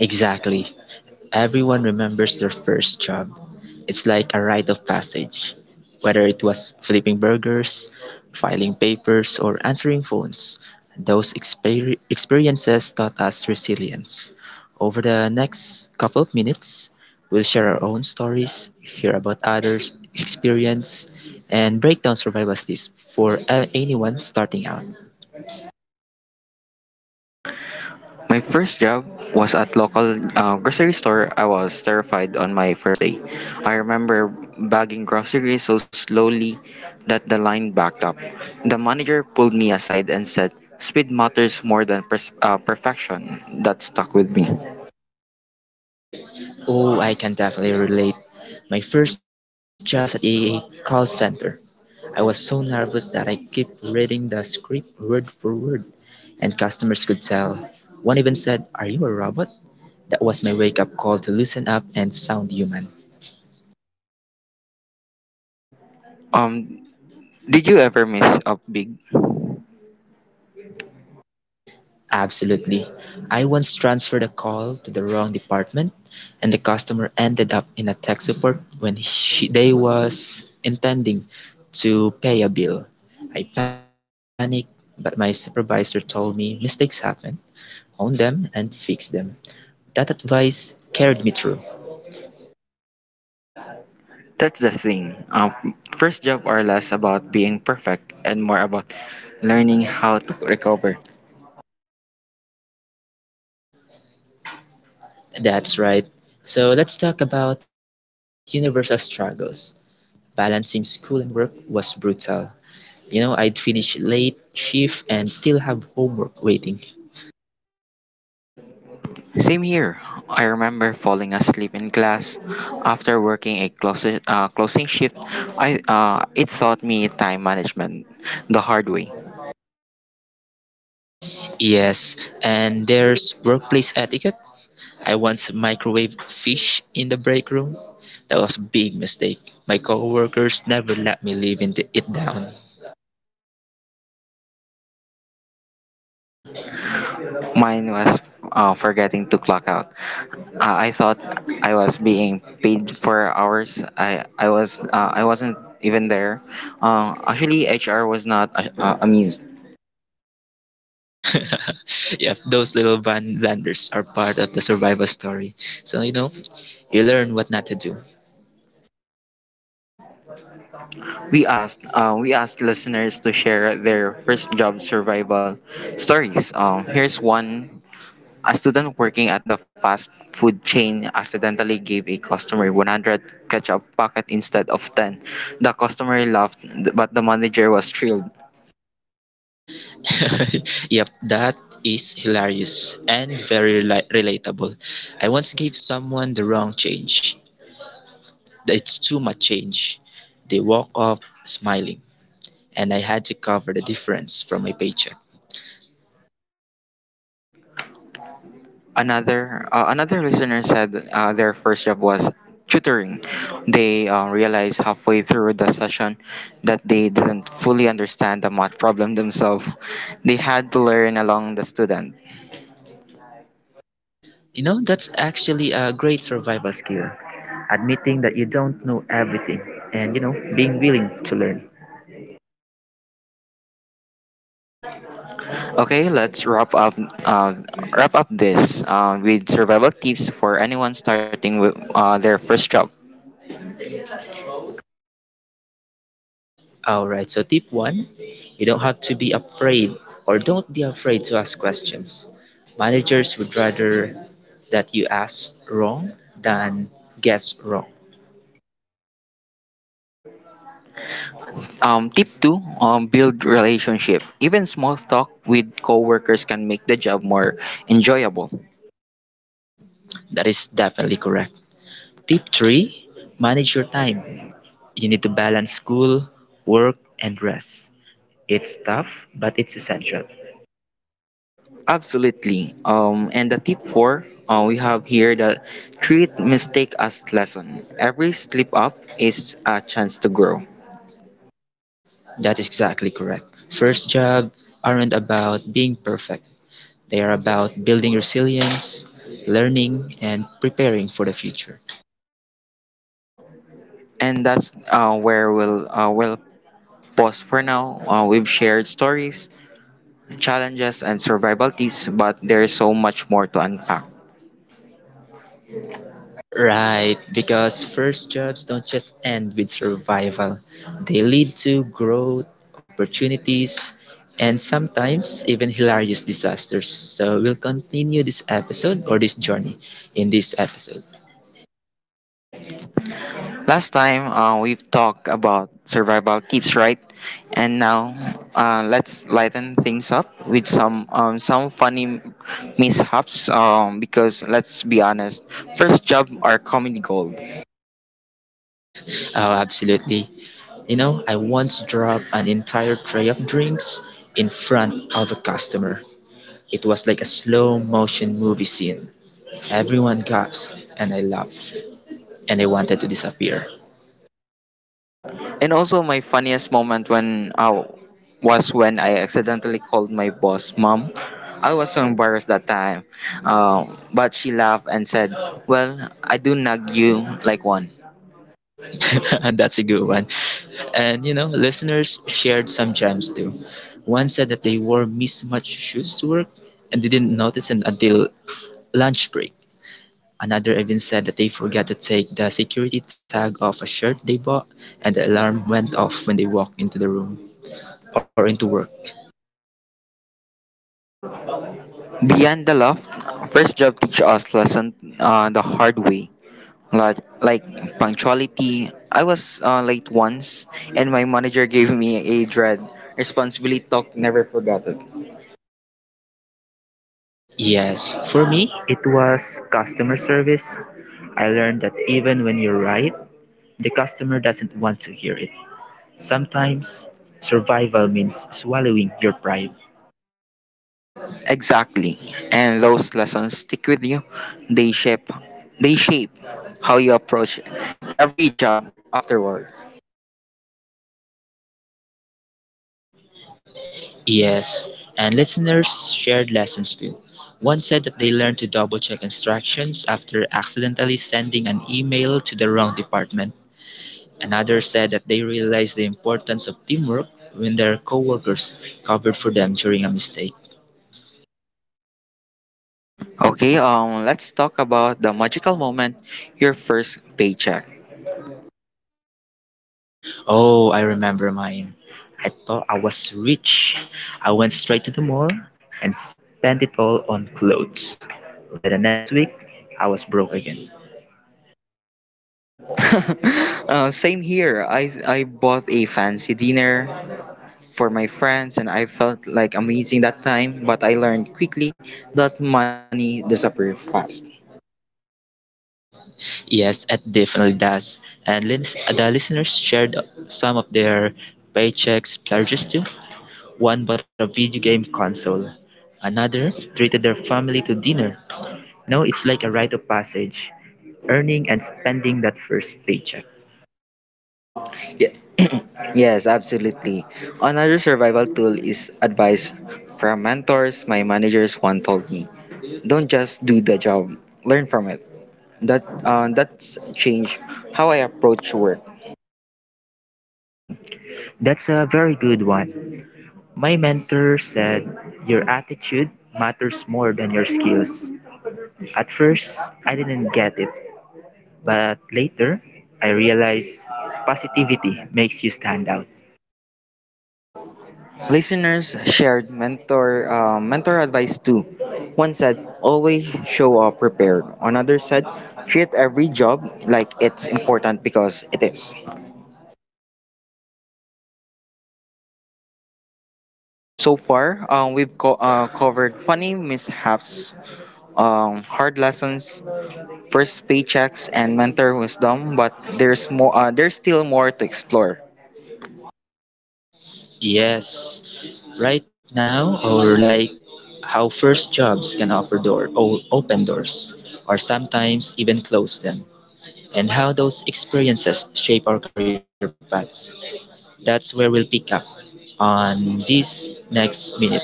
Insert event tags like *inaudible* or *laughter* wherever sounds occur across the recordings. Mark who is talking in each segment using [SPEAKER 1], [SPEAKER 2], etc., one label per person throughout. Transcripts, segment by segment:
[SPEAKER 1] Exactly. Everyone remembers their first job. It's like a rite of passage. Whether it was flipping burgers, filing papers, or answering phones, those experiences taught us resilience. Over the next couple of minutes, we'll share our own stories, hear about others' experience, and break down survival tips for anyone starting out.
[SPEAKER 2] My first job was at local grocery store. I was terrified on my first day. I remember bagging groceries so slowly that the line backed up. The manager pulled me aside and said, "Speed matters more than perfection." That stuck with me.
[SPEAKER 1] Oh, I can definitely relate. My first job was at a call center. I was so nervous that I kept reading the script word for word, and customers could tell. One even said, "Are you a robot?" That was my wake up call to loosen up and sound human.
[SPEAKER 2] Um, did you ever miss up big?
[SPEAKER 1] Absolutely. I once transferred a call to the wrong department and the customer ended up in a tech support when she, they was intending to pay a bill. I panicked, but my supervisor told me mistakes happen, own them and fix them. That advice carried me through.
[SPEAKER 2] That's the thing. First job are less about being perfect and more about learning how to recover.
[SPEAKER 1] That's right. So let's talk about universal struggles. Balancing school and work was brutal. You know, I'd finish late shift and still have homework waiting.
[SPEAKER 2] Same here. I remember falling asleep in class after working a closing shift. I It taught me time management the hard way.
[SPEAKER 1] Yes, and there's workplace etiquette. I once microwaved fish in the break room. That was a big mistake. My coworkers never let me leave in the, it down.
[SPEAKER 2] Mine was forgetting to clock out. I thought I was being paid for hours. I was I wasn't even there. Actually, HR was not amused.
[SPEAKER 1] *laughs* Yeah, those little van blunders are part of the survival story. So you know, you learn what not to do.
[SPEAKER 2] We asked listeners to share their first job survival stories. Here's one. A student working at the fast food chain accidentally gave a customer 100 ketchup packet instead of 10. The customer laughed, but the manager was thrilled.
[SPEAKER 1] *laughs* Yep, that is hilarious and very relatable. I once gave someone the wrong change. It's too much change. They walk off smiling, and I had to cover the difference from my paycheck.
[SPEAKER 2] Another listener said their first job was tutoring. They realized halfway through the session that they didn't fully understand the math problem themselves. They had to learn along the student.
[SPEAKER 1] You know, that's actually a great survival skill. Admitting that you don't know everything and, you know, being willing to learn.
[SPEAKER 2] Okay, let's uh, wrap up this with survival tips for anyone starting with their first job.
[SPEAKER 1] Alright, so tip one, you don't have to be afraid or don't be afraid to ask questions. Managers would rather that you ask wrong than guess wrong.
[SPEAKER 2] Tip two: build relationship. Even small talk with coworkers can make the job more enjoyable.
[SPEAKER 1] That is definitely correct. Tip three, manage your time. You need to balance school, work, and rest. It's tough, but it's essential.
[SPEAKER 2] Absolutely. And the tip four: we have here that treat mistake as lesson. Every slip up is a chance to grow.
[SPEAKER 1] That is exactly correct. First jobs aren't about being perfect. They are about building resilience, learning, and preparing for the future.
[SPEAKER 2] And that's where we'll pause for now. We've shared stories challenges and survival tips, but there's so much more to unpack.
[SPEAKER 1] Right, because first jobs don't just end with survival. They lead to growth, opportunities, and sometimes even hilarious disasters. So we'll continue this episode or this journey in this episode.
[SPEAKER 2] Last time we've talked about survival tips, right? And now let's lighten things up with some funny mishaps. Because let's be honest, first job are comedy gold.
[SPEAKER 1] Oh, absolutely. You know, I once dropped an entire tray of drinks in front of a customer. It was like a slow motion movie scene. Everyone gasped and I laughed and I wanted to disappear.
[SPEAKER 2] And also my funniest moment when was when I accidentally called my boss mom. I was so embarrassed that time. But she laughed and said, "Well, I do nag you like one."
[SPEAKER 1] *laughs* And that's a good one. And you know, listeners shared some gems too. One said that they wore mismatched shoes to work and they didn't notice it until lunch break. Another even said that they forgot to take the security tag off a shirt they bought and the alarm went off when they walked into the room or into work.
[SPEAKER 2] Beyond the loft, first job teach us lesson, the hard way. Like punctuality. I was late once and my manager gave me a dread. Responsibility talk never forgot it.
[SPEAKER 1] Yes, for me, it was customer service. I learned that even when you're right, the customer doesn't want to hear it. Sometimes survival means swallowing your pride.
[SPEAKER 2] Exactly. And those lessons stick with you. They shape they shape how you approach every job afterward.
[SPEAKER 1] Yes, and listeners shared lessons too. One said that they learned to double check instructions after accidentally sending an email to the wrong department. Another said that they realized the importance of teamwork when their coworkers covered for them during a mistake.
[SPEAKER 2] Okay, um, let's talk about the magical moment, your first paycheck.
[SPEAKER 1] Oh, I remember mine. I thought I was rich. I went straight to the mall and spent it all on clothes. By the next week, I was broke again.
[SPEAKER 2] *laughs* Same here. I bought a fancy dinner for my friends and I felt like amazing that time, but I learned quickly that money disappears fast.
[SPEAKER 1] Yes, it definitely does. And the listeners shared some of their paychecks pledges too. One bought a video game console. Another treated their family to dinner. No, it's like a rite of passage, earning and spending that first paycheck.
[SPEAKER 2] Ye- *clears throat* Yes, absolutely. Another survival tool is advice from mentors. My managers one told me, "Don't just do the job. Learn from it." That's changed how I approach work.
[SPEAKER 1] That's a very good one. My mentor said, "Your attitude matters more than your skills." At first, I didn't get it, but later, I realized positivity makes you stand out.
[SPEAKER 2] Listeners shared mentor advice too. One said, "Always show up prepared." Another said, "Treat every job like it's important because it is." So far, we've covered funny mishaps, hard lessons, first paychecks, and mentor wisdom. But there's more. There's still more to explore.
[SPEAKER 1] Yes, right now, or like how first jobs can offer door, open doors, or sometimes even close them, and how those experiences shape our career paths. That's where we'll pick up on these next minutes.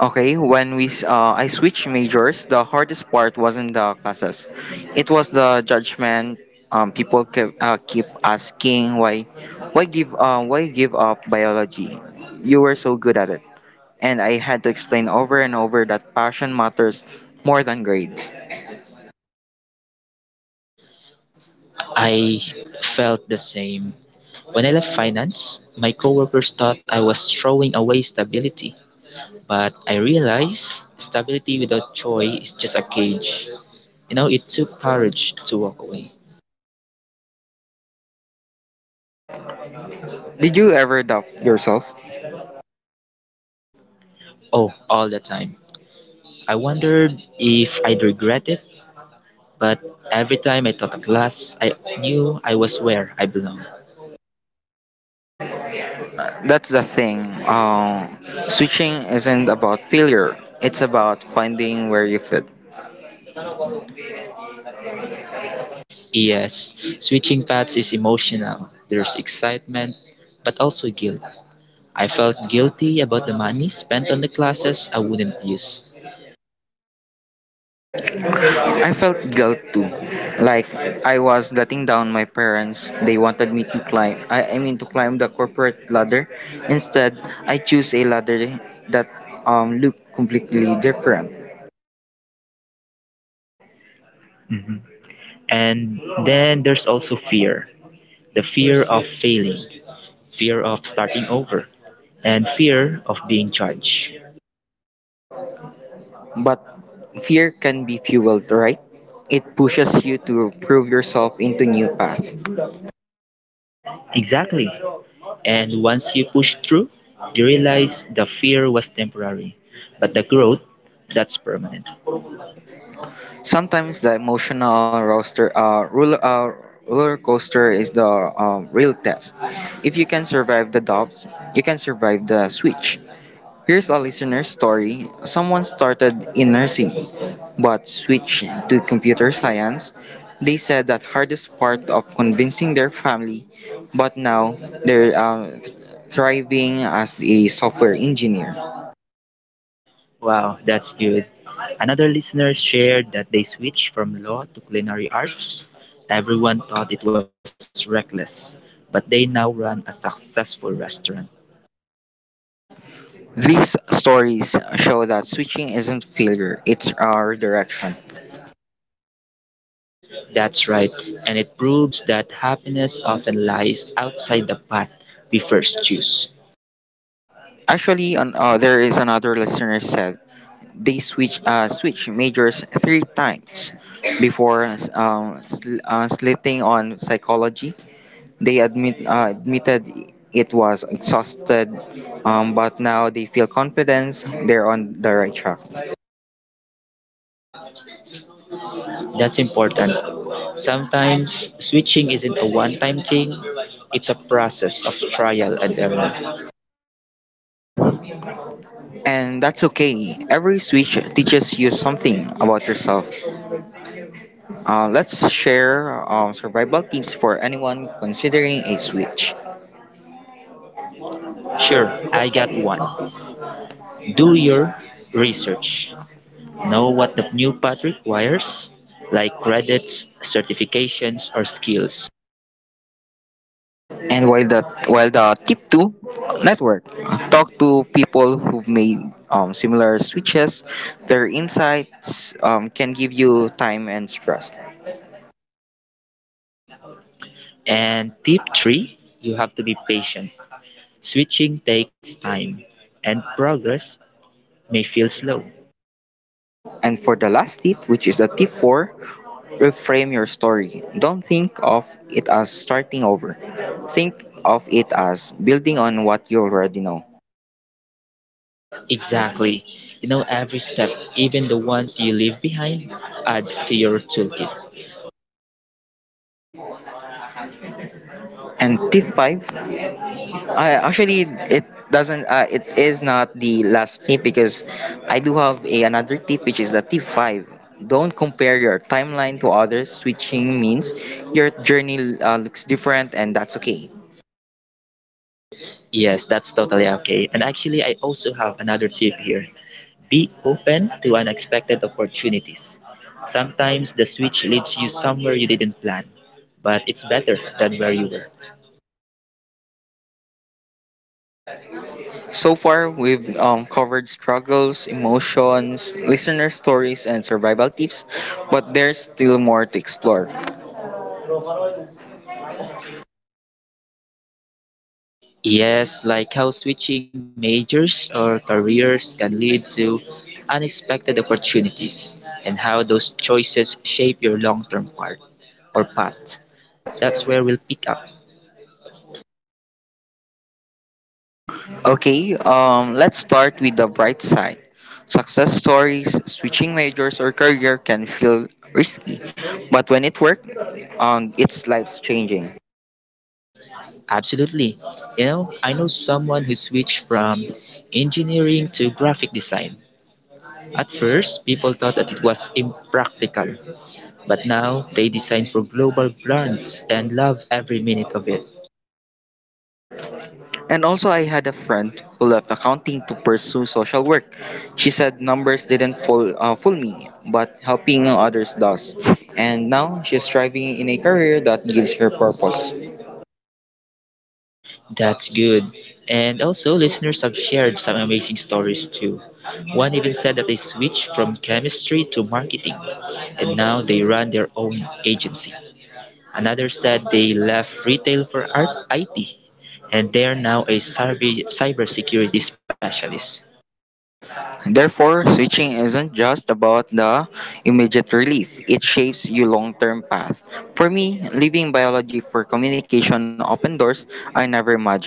[SPEAKER 2] Okay, I switched majors, the hardest part wasn't the classes. It was the judgment. People keep asking why, why give up biology? You were so good at it, and I had to explain over and over that passion matters more than grades.
[SPEAKER 1] I felt the same. When I left finance, my coworkers thought I was throwing away stability. But I realized stability without joy is just a cage. You know, it took courage to walk away.
[SPEAKER 2] Did you ever doubt yourself?
[SPEAKER 1] Oh, all the time. I wondered if I'd regret it, but every time I thought a glass, I knew I was where I belonged.
[SPEAKER 2] That's the thing. Switching isn't about failure, it's about finding where you fit.
[SPEAKER 1] Yes, switching paths is emotional. There's excitement, but also guilt. I felt guilty about the money spent on the classes I wouldn't use.
[SPEAKER 2] I felt guilt too. Like I was letting down my parents. They wanted me to climb I mean to climb the corporate ladder. Instead, I choose a ladder that um, looked completely different.
[SPEAKER 1] Mhm. And then there's also fear, the fear of failing, fear of starting over, and fear of being judged.
[SPEAKER 2] But fear can be fueled, right? It pushes you to prove yourself into new path.
[SPEAKER 1] Exactly. And once you push through, you realize the fear was temporary, but the growth, that's permanent.
[SPEAKER 2] Sometimes the emotional roller coaster is the real test. If you can survive the doubts, you can survive the switch. Here's a listener's story. Someone started in nursing, but switched to computer science. They said that hardest part of convincing their family, but now they're thriving as a software engineer.
[SPEAKER 1] Wow, that's good. Another listener shared that they switched from law to culinary arts. Everyone thought it was reckless, but they now run a successful restaurant.
[SPEAKER 2] These stories show that switching isn't failure, it's redirection.
[SPEAKER 1] That's right, and it proves that happiness often lies outside the path we first choose.
[SPEAKER 2] Actually, there is another listener said they switch switch majors three times before slitting on psychology. They admit admitted it was exhausted, but now they feel confidence they're on the right track.
[SPEAKER 1] That's important. Sometimes switching isn't a one time thing, it's a process of trial and error.
[SPEAKER 2] And that's okay. Every switch teaches you something about yourself. Let's share survival tips for anyone considering a switch.
[SPEAKER 1] Sure, I got one. Do your research. Know what the new path requires, like credits, certifications, or skills.
[SPEAKER 2] And while the tip two, network. Talk to people who've made similar switches. Their insights can give you time and trust.
[SPEAKER 1] And tip three, you have to be patient. Switching takes time, and progress may feel slow.
[SPEAKER 2] And for the last tip, which is the tip four, reframe your story. Don't think of it as starting over. Think of it as building on what you already know.
[SPEAKER 1] Exactly. You know, every step, even the ones you leave behind, adds to your toolkit.
[SPEAKER 2] And tip 5. Actually, it doesn't. It is not the last tip because I do have a, another tip, which is the tip five. Don't compare your timeline to others. Switching means your journey looks different, and that's okay.
[SPEAKER 1] Yes, that's totally okay. And actually, I also have another tip here. Be open to unexpected opportunities. Sometimes the switch leads you somewhere you didn't plan, but it's better than where you were.
[SPEAKER 2] So far, we've covered struggles, emotions, listener stories, and survival tips, but there's still more to explore.
[SPEAKER 1] Yes, like how switching majors or careers can lead to unexpected opportunities and how those choices shape your long term part or path. That's where we'll pick up.
[SPEAKER 2] Okay, let's start with the bright side. Success stories, switching majors or career can feel risky, but when it worked, it's life changing.
[SPEAKER 1] Absolutely. You know, I know someone who switched from engineering to graphic design. At first, people thought that it was impractical, but now they design for global brands and love every minute of it.
[SPEAKER 2] And also, I had a friend who left accounting to pursue social work. She said numbers didn't fool me, but helping others does. And now she's thriving in a career that gives her purpose.
[SPEAKER 1] That's good. And also, listeners have shared some amazing stories too. One even said that they switched from chemistry to marketing, and now they run their own agency. Another said they left retail for art IT, and they are now a cybersecurity specialist.
[SPEAKER 2] Therefore, switching isn't just about the immediate relief, it shapes your long term path. For me, leaving biology for communication opened doors I never imagined.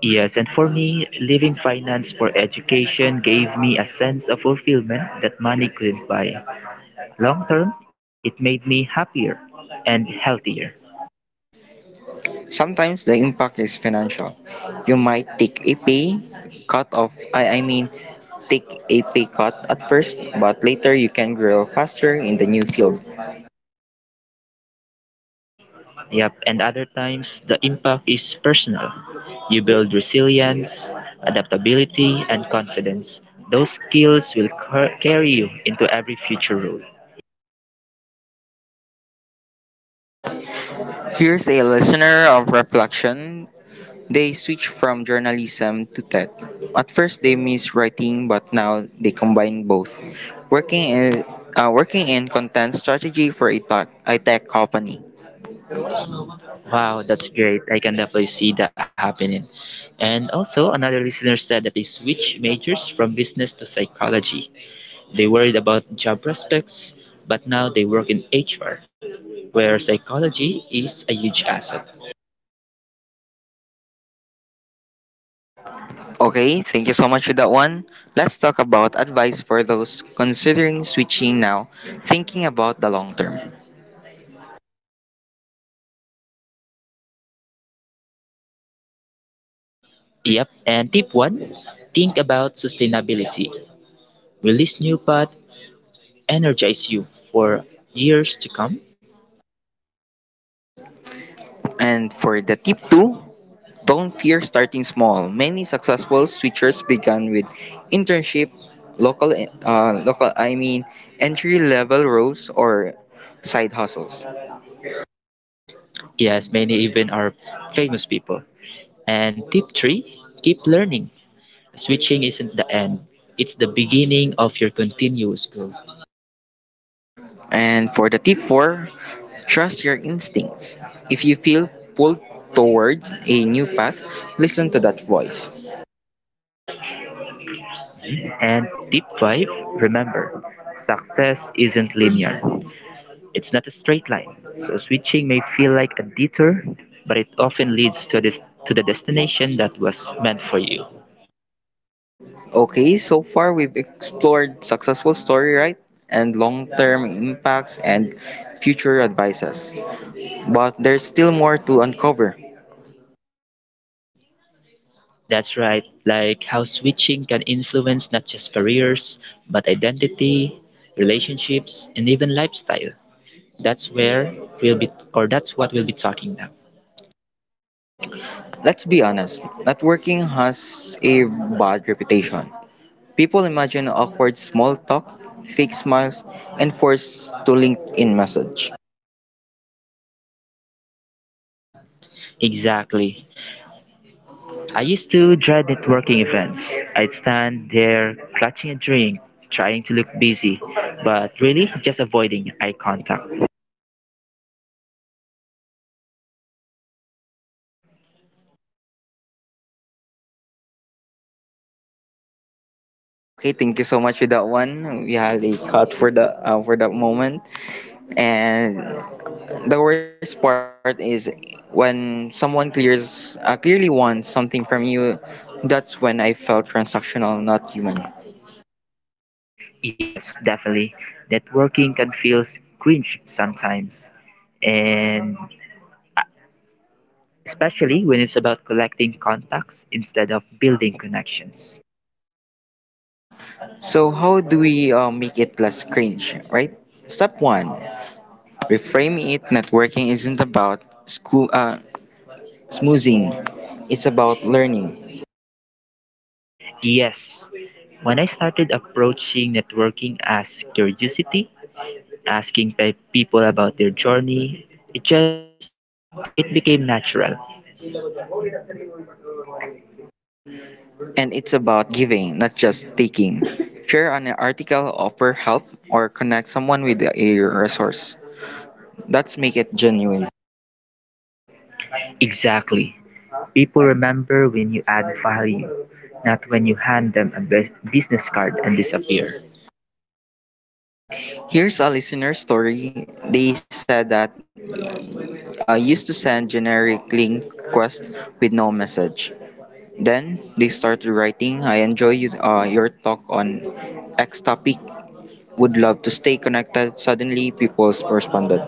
[SPEAKER 1] Yes, and for me, leaving finance for education gave me a sense of fulfillment that money couldn't buy. Long term, it made me happier and healthier.
[SPEAKER 2] Sometimes the impact is financial. You might take a pay cut off, I mean, take a pay cut at first, but later you can grow faster in the new field.
[SPEAKER 1] Yep, and other times, the impact is personal. You build resilience, adaptability, and confidence. Those skills will carry you into every future role.
[SPEAKER 2] Here's a listener of reflection. They switched from journalism to tech. At first they missed writing but now they combine both, working in, working in content strategy for a tech company.
[SPEAKER 1] Wow, that's great. I can definitely see that happening. And also, another listener said that they switched majors from business to psychology. They worried about job prospects, but now they work in HR, where psychology is a huge asset.
[SPEAKER 2] Okay, thank you so much for that one. Let's talk about advice for those considering switching now, thinking about the long term.
[SPEAKER 1] Yep, and tip one, think about sustainability. Will this new path energize you for years to come?
[SPEAKER 2] And for the tip 2, don't fear starting small. Many successful switchers began with internship, local, uh, local I mean, entry level roles or side hustles.
[SPEAKER 1] Yes, many even are famous people. And tip three, keep learning. Switching isn't the end, it's the beginning of your continuous growth.
[SPEAKER 2] And for the tip four, trust your instincts. If you feel pulled towards a new path, listen to that voice.
[SPEAKER 1] And tip five, remember, success isn't linear. It's not a straight line, so switching may feel like a detour, but it often leads to this to the destination that was meant for you.
[SPEAKER 2] Okay, so far we've explored successful story, right? And long-term impacts and future advices. But there's still more to uncover.
[SPEAKER 1] That's right, like how switching can influence not just careers, but identity, relationships, and even lifestyle. That's where we'll be, or that's what we'll be talking now.
[SPEAKER 2] Let's be honest, networking has a bad reputation. People imagine awkward small talk, fake smiles, and forced to LinkedIn message.
[SPEAKER 1] Exactly. I used to dread networking events. I'd stand there clutching a drink, trying to look busy, but really just avoiding eye contact.
[SPEAKER 2] Okay, thank you so much for that one. We had a cut for the for that moment, and the worst part is when someone clears clearly wants something from you. That's when I felt transactional, not human.
[SPEAKER 1] Yes, definitely. Networking can feel cringe sometimes, and especially when it's about collecting contacts instead of building connections.
[SPEAKER 2] So how do we make it less cringe, right? Step one: reframe it. Networking isn't about smoozing, it's about learning.
[SPEAKER 1] Yes, when I started approaching networking as curiosity, asking people about their journey, it just it became natural.
[SPEAKER 2] And it's about giving, not just taking. Share an article, offer help, or connect someone with a resource. Let's make it genuine.
[SPEAKER 1] Exactly. People remember when you add value, not when you hand them a business card and disappear.
[SPEAKER 2] Here's a listener story. They said that I used to send generic link requests with no message. Then they started writing, "I enjoy your talk on X topic. Would love to stay connected." Suddenly, people responded.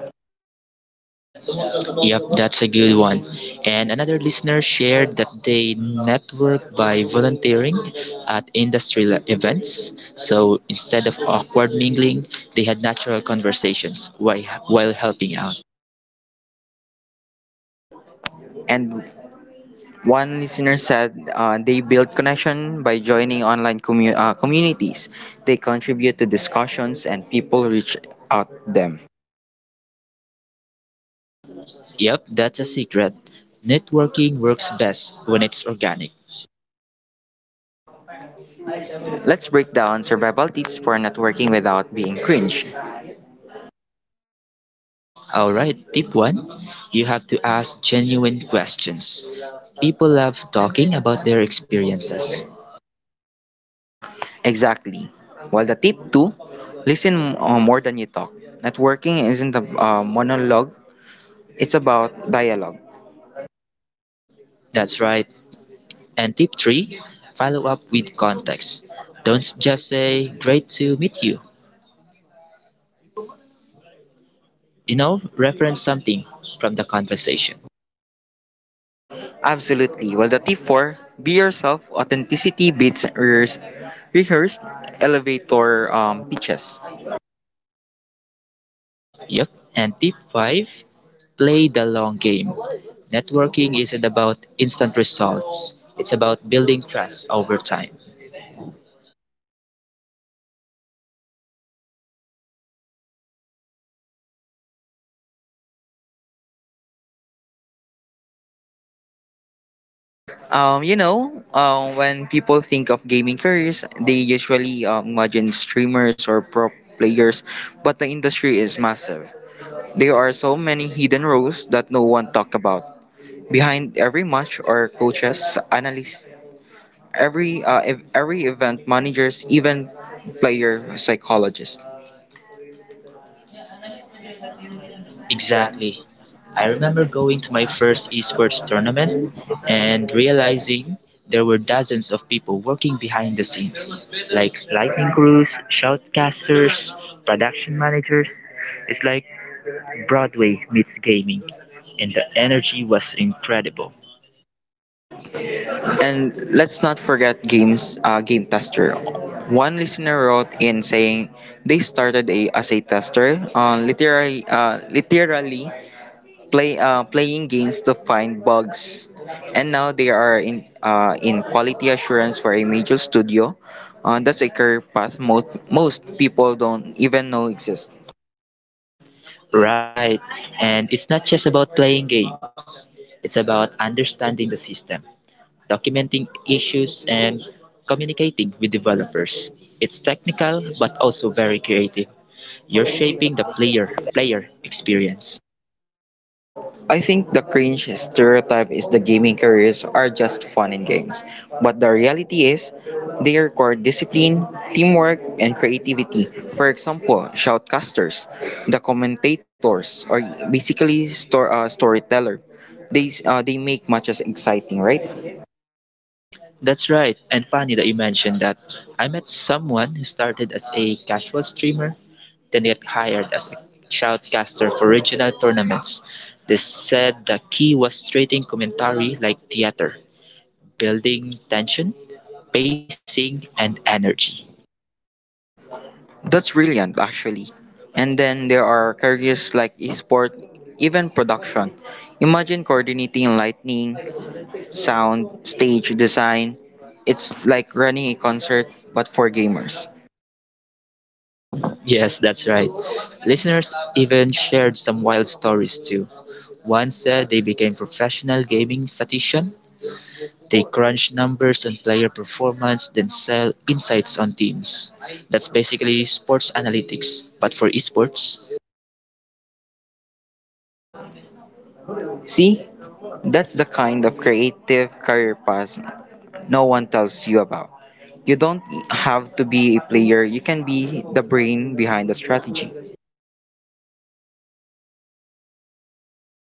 [SPEAKER 1] Yep, that's a good one. And another listener shared that they network by volunteering at industry events. So instead of awkward mingling, they had natural conversations while helping out.
[SPEAKER 2] And one listener said they build connection by joining online communities. They contribute to discussions and people reach out to them.
[SPEAKER 1] Yep, that's a secret. Networking works best when it's organic.
[SPEAKER 2] Let's break down survival tips for networking without being cringe.
[SPEAKER 1] All right, tip one, you have to ask genuine questions. People love talking about their experiences.
[SPEAKER 2] Exactly. Well, the tip two, listen more than you talk. Networking isn't a monologue, it's about dialogue.
[SPEAKER 1] That's right. And tip three, follow up with context. Don't just say, "Great to meet you." You know, reference something from the conversation.
[SPEAKER 2] Absolutely. Well, the tip four, be yourself, authenticity beats rehearsed elevator pitches.
[SPEAKER 1] Yep. And tip five, play the long game. Networking isn't about instant results, it's about building trust over time.
[SPEAKER 2] When people think of gaming careers, they usually imagine streamers or pro players, but the industry is massive. There are so many hidden roles that no one talk about. Behind every match are coaches, analysts, every event managers, even player psychologists.
[SPEAKER 1] Exactly. I remember going to my first esports tournament and realizing there were dozens of people working behind the scenes, like lightning crews, shoutcasters, production managers. It's like Broadway meets gaming, and the energy was incredible.
[SPEAKER 2] And let's not forget game tester. One listener wrote in saying they started as a tester, literally playing games to find bugs, and now they are in quality assurance for a major studio. That's a career path most people don't even know exists.
[SPEAKER 1] Right. And it's not just about playing games, it's about understanding the system, documenting issues, and communicating with developers. It's technical but also very creative. You're shaping the player experience.
[SPEAKER 2] I think the cringe stereotype is the gaming careers are just fun and games. But the reality is, they require discipline, teamwork, and creativity. For example, shoutcasters, the commentators, or basically storyteller. They make matches exciting, right?
[SPEAKER 1] That's right. And funny that you mentioned that. I met someone who started as a casual streamer, then got hired as a shoutcaster for regional tournaments. They said the key was treating commentary like theater, building tension, pacing, and energy.
[SPEAKER 2] That's brilliant, actually. And then there are careers like esport, even production. Imagine coordinating lightning, sound, stage design. It's like running a concert but for gamers.
[SPEAKER 1] Yes, that's right. Listeners even shared some wild stories too. One said they became professional gaming statistician. They crunch numbers on player performance, then sell insights on teams. That's basically sports analytics, but for esports.
[SPEAKER 2] See? That's the kind of creative career path no one tells you about. You don't have to be a player, you can be the brain behind the strategy.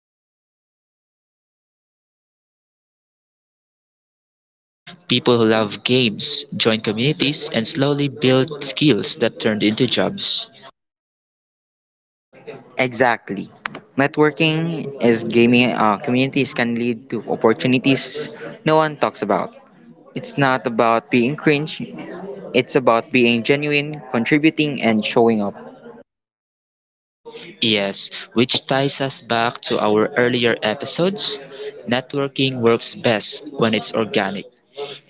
[SPEAKER 1] Yes, and the best part? Many of these careers started with hobbies. People who love games joined communities and slowly built skills that turned into jobs.
[SPEAKER 2] Exactly. Networking is gaming communities can lead to opportunities no one talks about. It's not about being cringe, it's about being genuine, contributing, and showing up.
[SPEAKER 1] Yes, which ties us back to our earlier episodes. Networking works best when it's organic.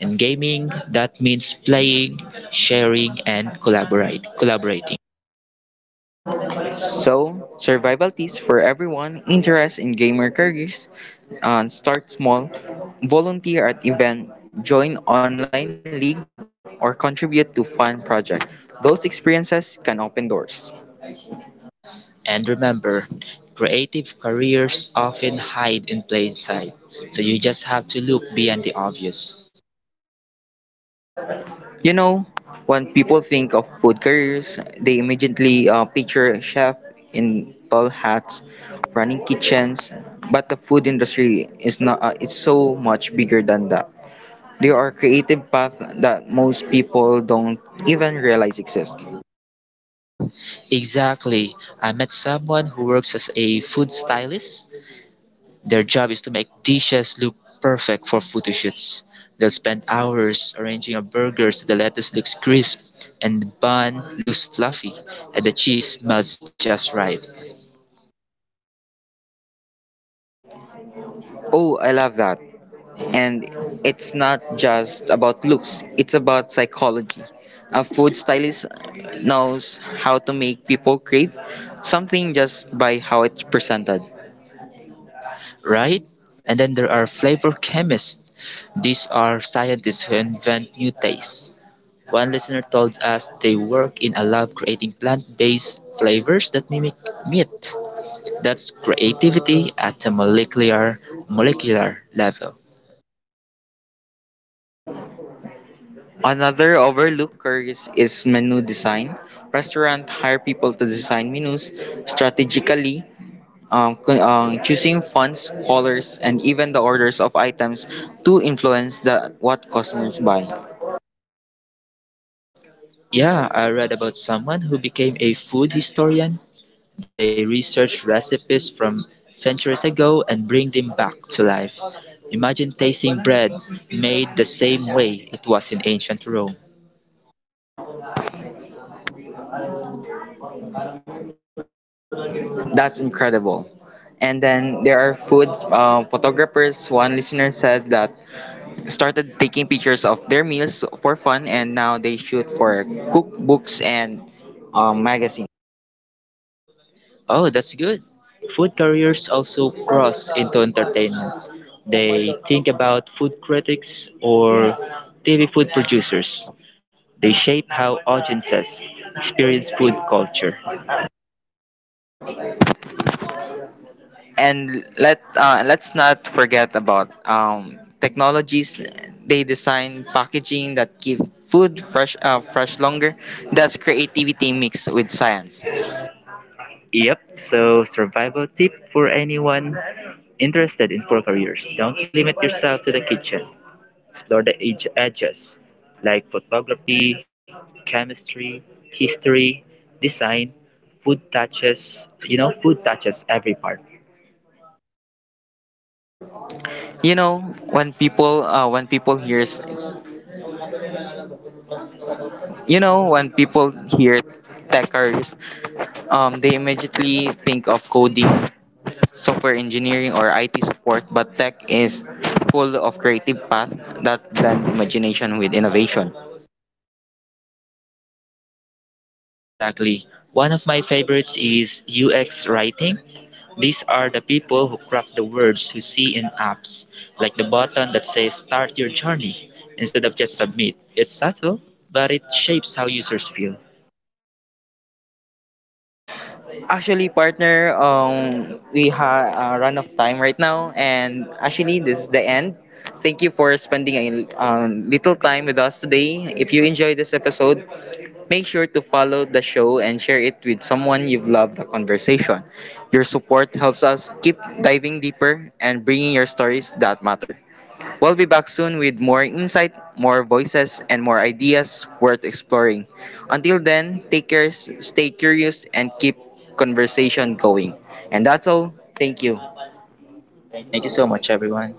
[SPEAKER 1] In gaming, that means playing, sharing, and collaborating.
[SPEAKER 2] So, survival tips for everyone interested in gamer careers. Start small, volunteer at event, join online league, or contribute to fun project. Those experiences can open doors.
[SPEAKER 1] And remember, creative careers often hide in plain sight, so you just have to look beyond the obvious.
[SPEAKER 2] You know, when people think of food careers, they immediately picture chef in tall hats, running kitchens. But the food industry is not. It's so much bigger than that. There are creative paths that most people don't even realize exist.
[SPEAKER 1] Exactly. I met someone who works as a food stylist. Their job is to make dishes look perfect for photo shoots. They'll spend hours arranging a burger so the lettuce looks crisp and the bun looks fluffy and the cheese smells just right.
[SPEAKER 2] Oh, I love that. And it's not just about looks, it's about psychology. A food stylist knows how to make people crave something just by how it's presented.
[SPEAKER 1] Right? And then there are flavor chemists. These are scientists who invent new tastes. One listener told us they work in a lab creating plant-based flavors that mimic meat. That's creativity at the molecular level.
[SPEAKER 2] Another overlooked career is menu design. Restaurants hire people to design menus strategically, choosing fonts, colors, and even the orders of items to influence the what customers buy.
[SPEAKER 1] Yeah, I read about someone who became a food historian. They research recipes from centuries ago and bring them back to life. Imagine tasting bread made the same way it was in ancient Rome.
[SPEAKER 2] That's incredible. And then there are food photographers. One listener said that started taking pictures of their meals for fun, and now they shoot for cookbooks and magazines.
[SPEAKER 1] Oh, that's good. Food careers also cross into entertainment. They think about food critics or TV food producers. They shape how audiences experience food culture.
[SPEAKER 2] And let's not forget about technologies. They design packaging that give food fresh fresh longer. That's creativity mixed with science.
[SPEAKER 1] Yep, so survival tip for anyone interested in food careers, don't limit yourself to the kitchen. Explore the edges, like photography, chemistry, history, design. Food touches, you know, food touches every part.
[SPEAKER 2] You know when people hears you know when people hear techers, they immediately think of coding, software engineering, or IT support, but tech is full of creative paths that blend imagination with innovation.
[SPEAKER 1] Exactly. One of my favorites is UX writing. These are the people who craft the words you see in apps, like the button that says "start your journey" instead of just "submit." It's subtle, but it shapes how users feel.
[SPEAKER 2] Actually, partner, we have a run of time right now, and actually, this is the end. Thank you for spending a little time with us today. If you enjoyed this episode, make sure to follow the show and share it with someone you've loved the conversation. Your support helps us keep diving deeper and bringing your stories that matter. We'll be back soon with more insight, more voices, and more ideas worth exploring. Until then, take care, stay curious, and keep conversation going. And that's all. Thank you.
[SPEAKER 1] Thank you so much, everyone.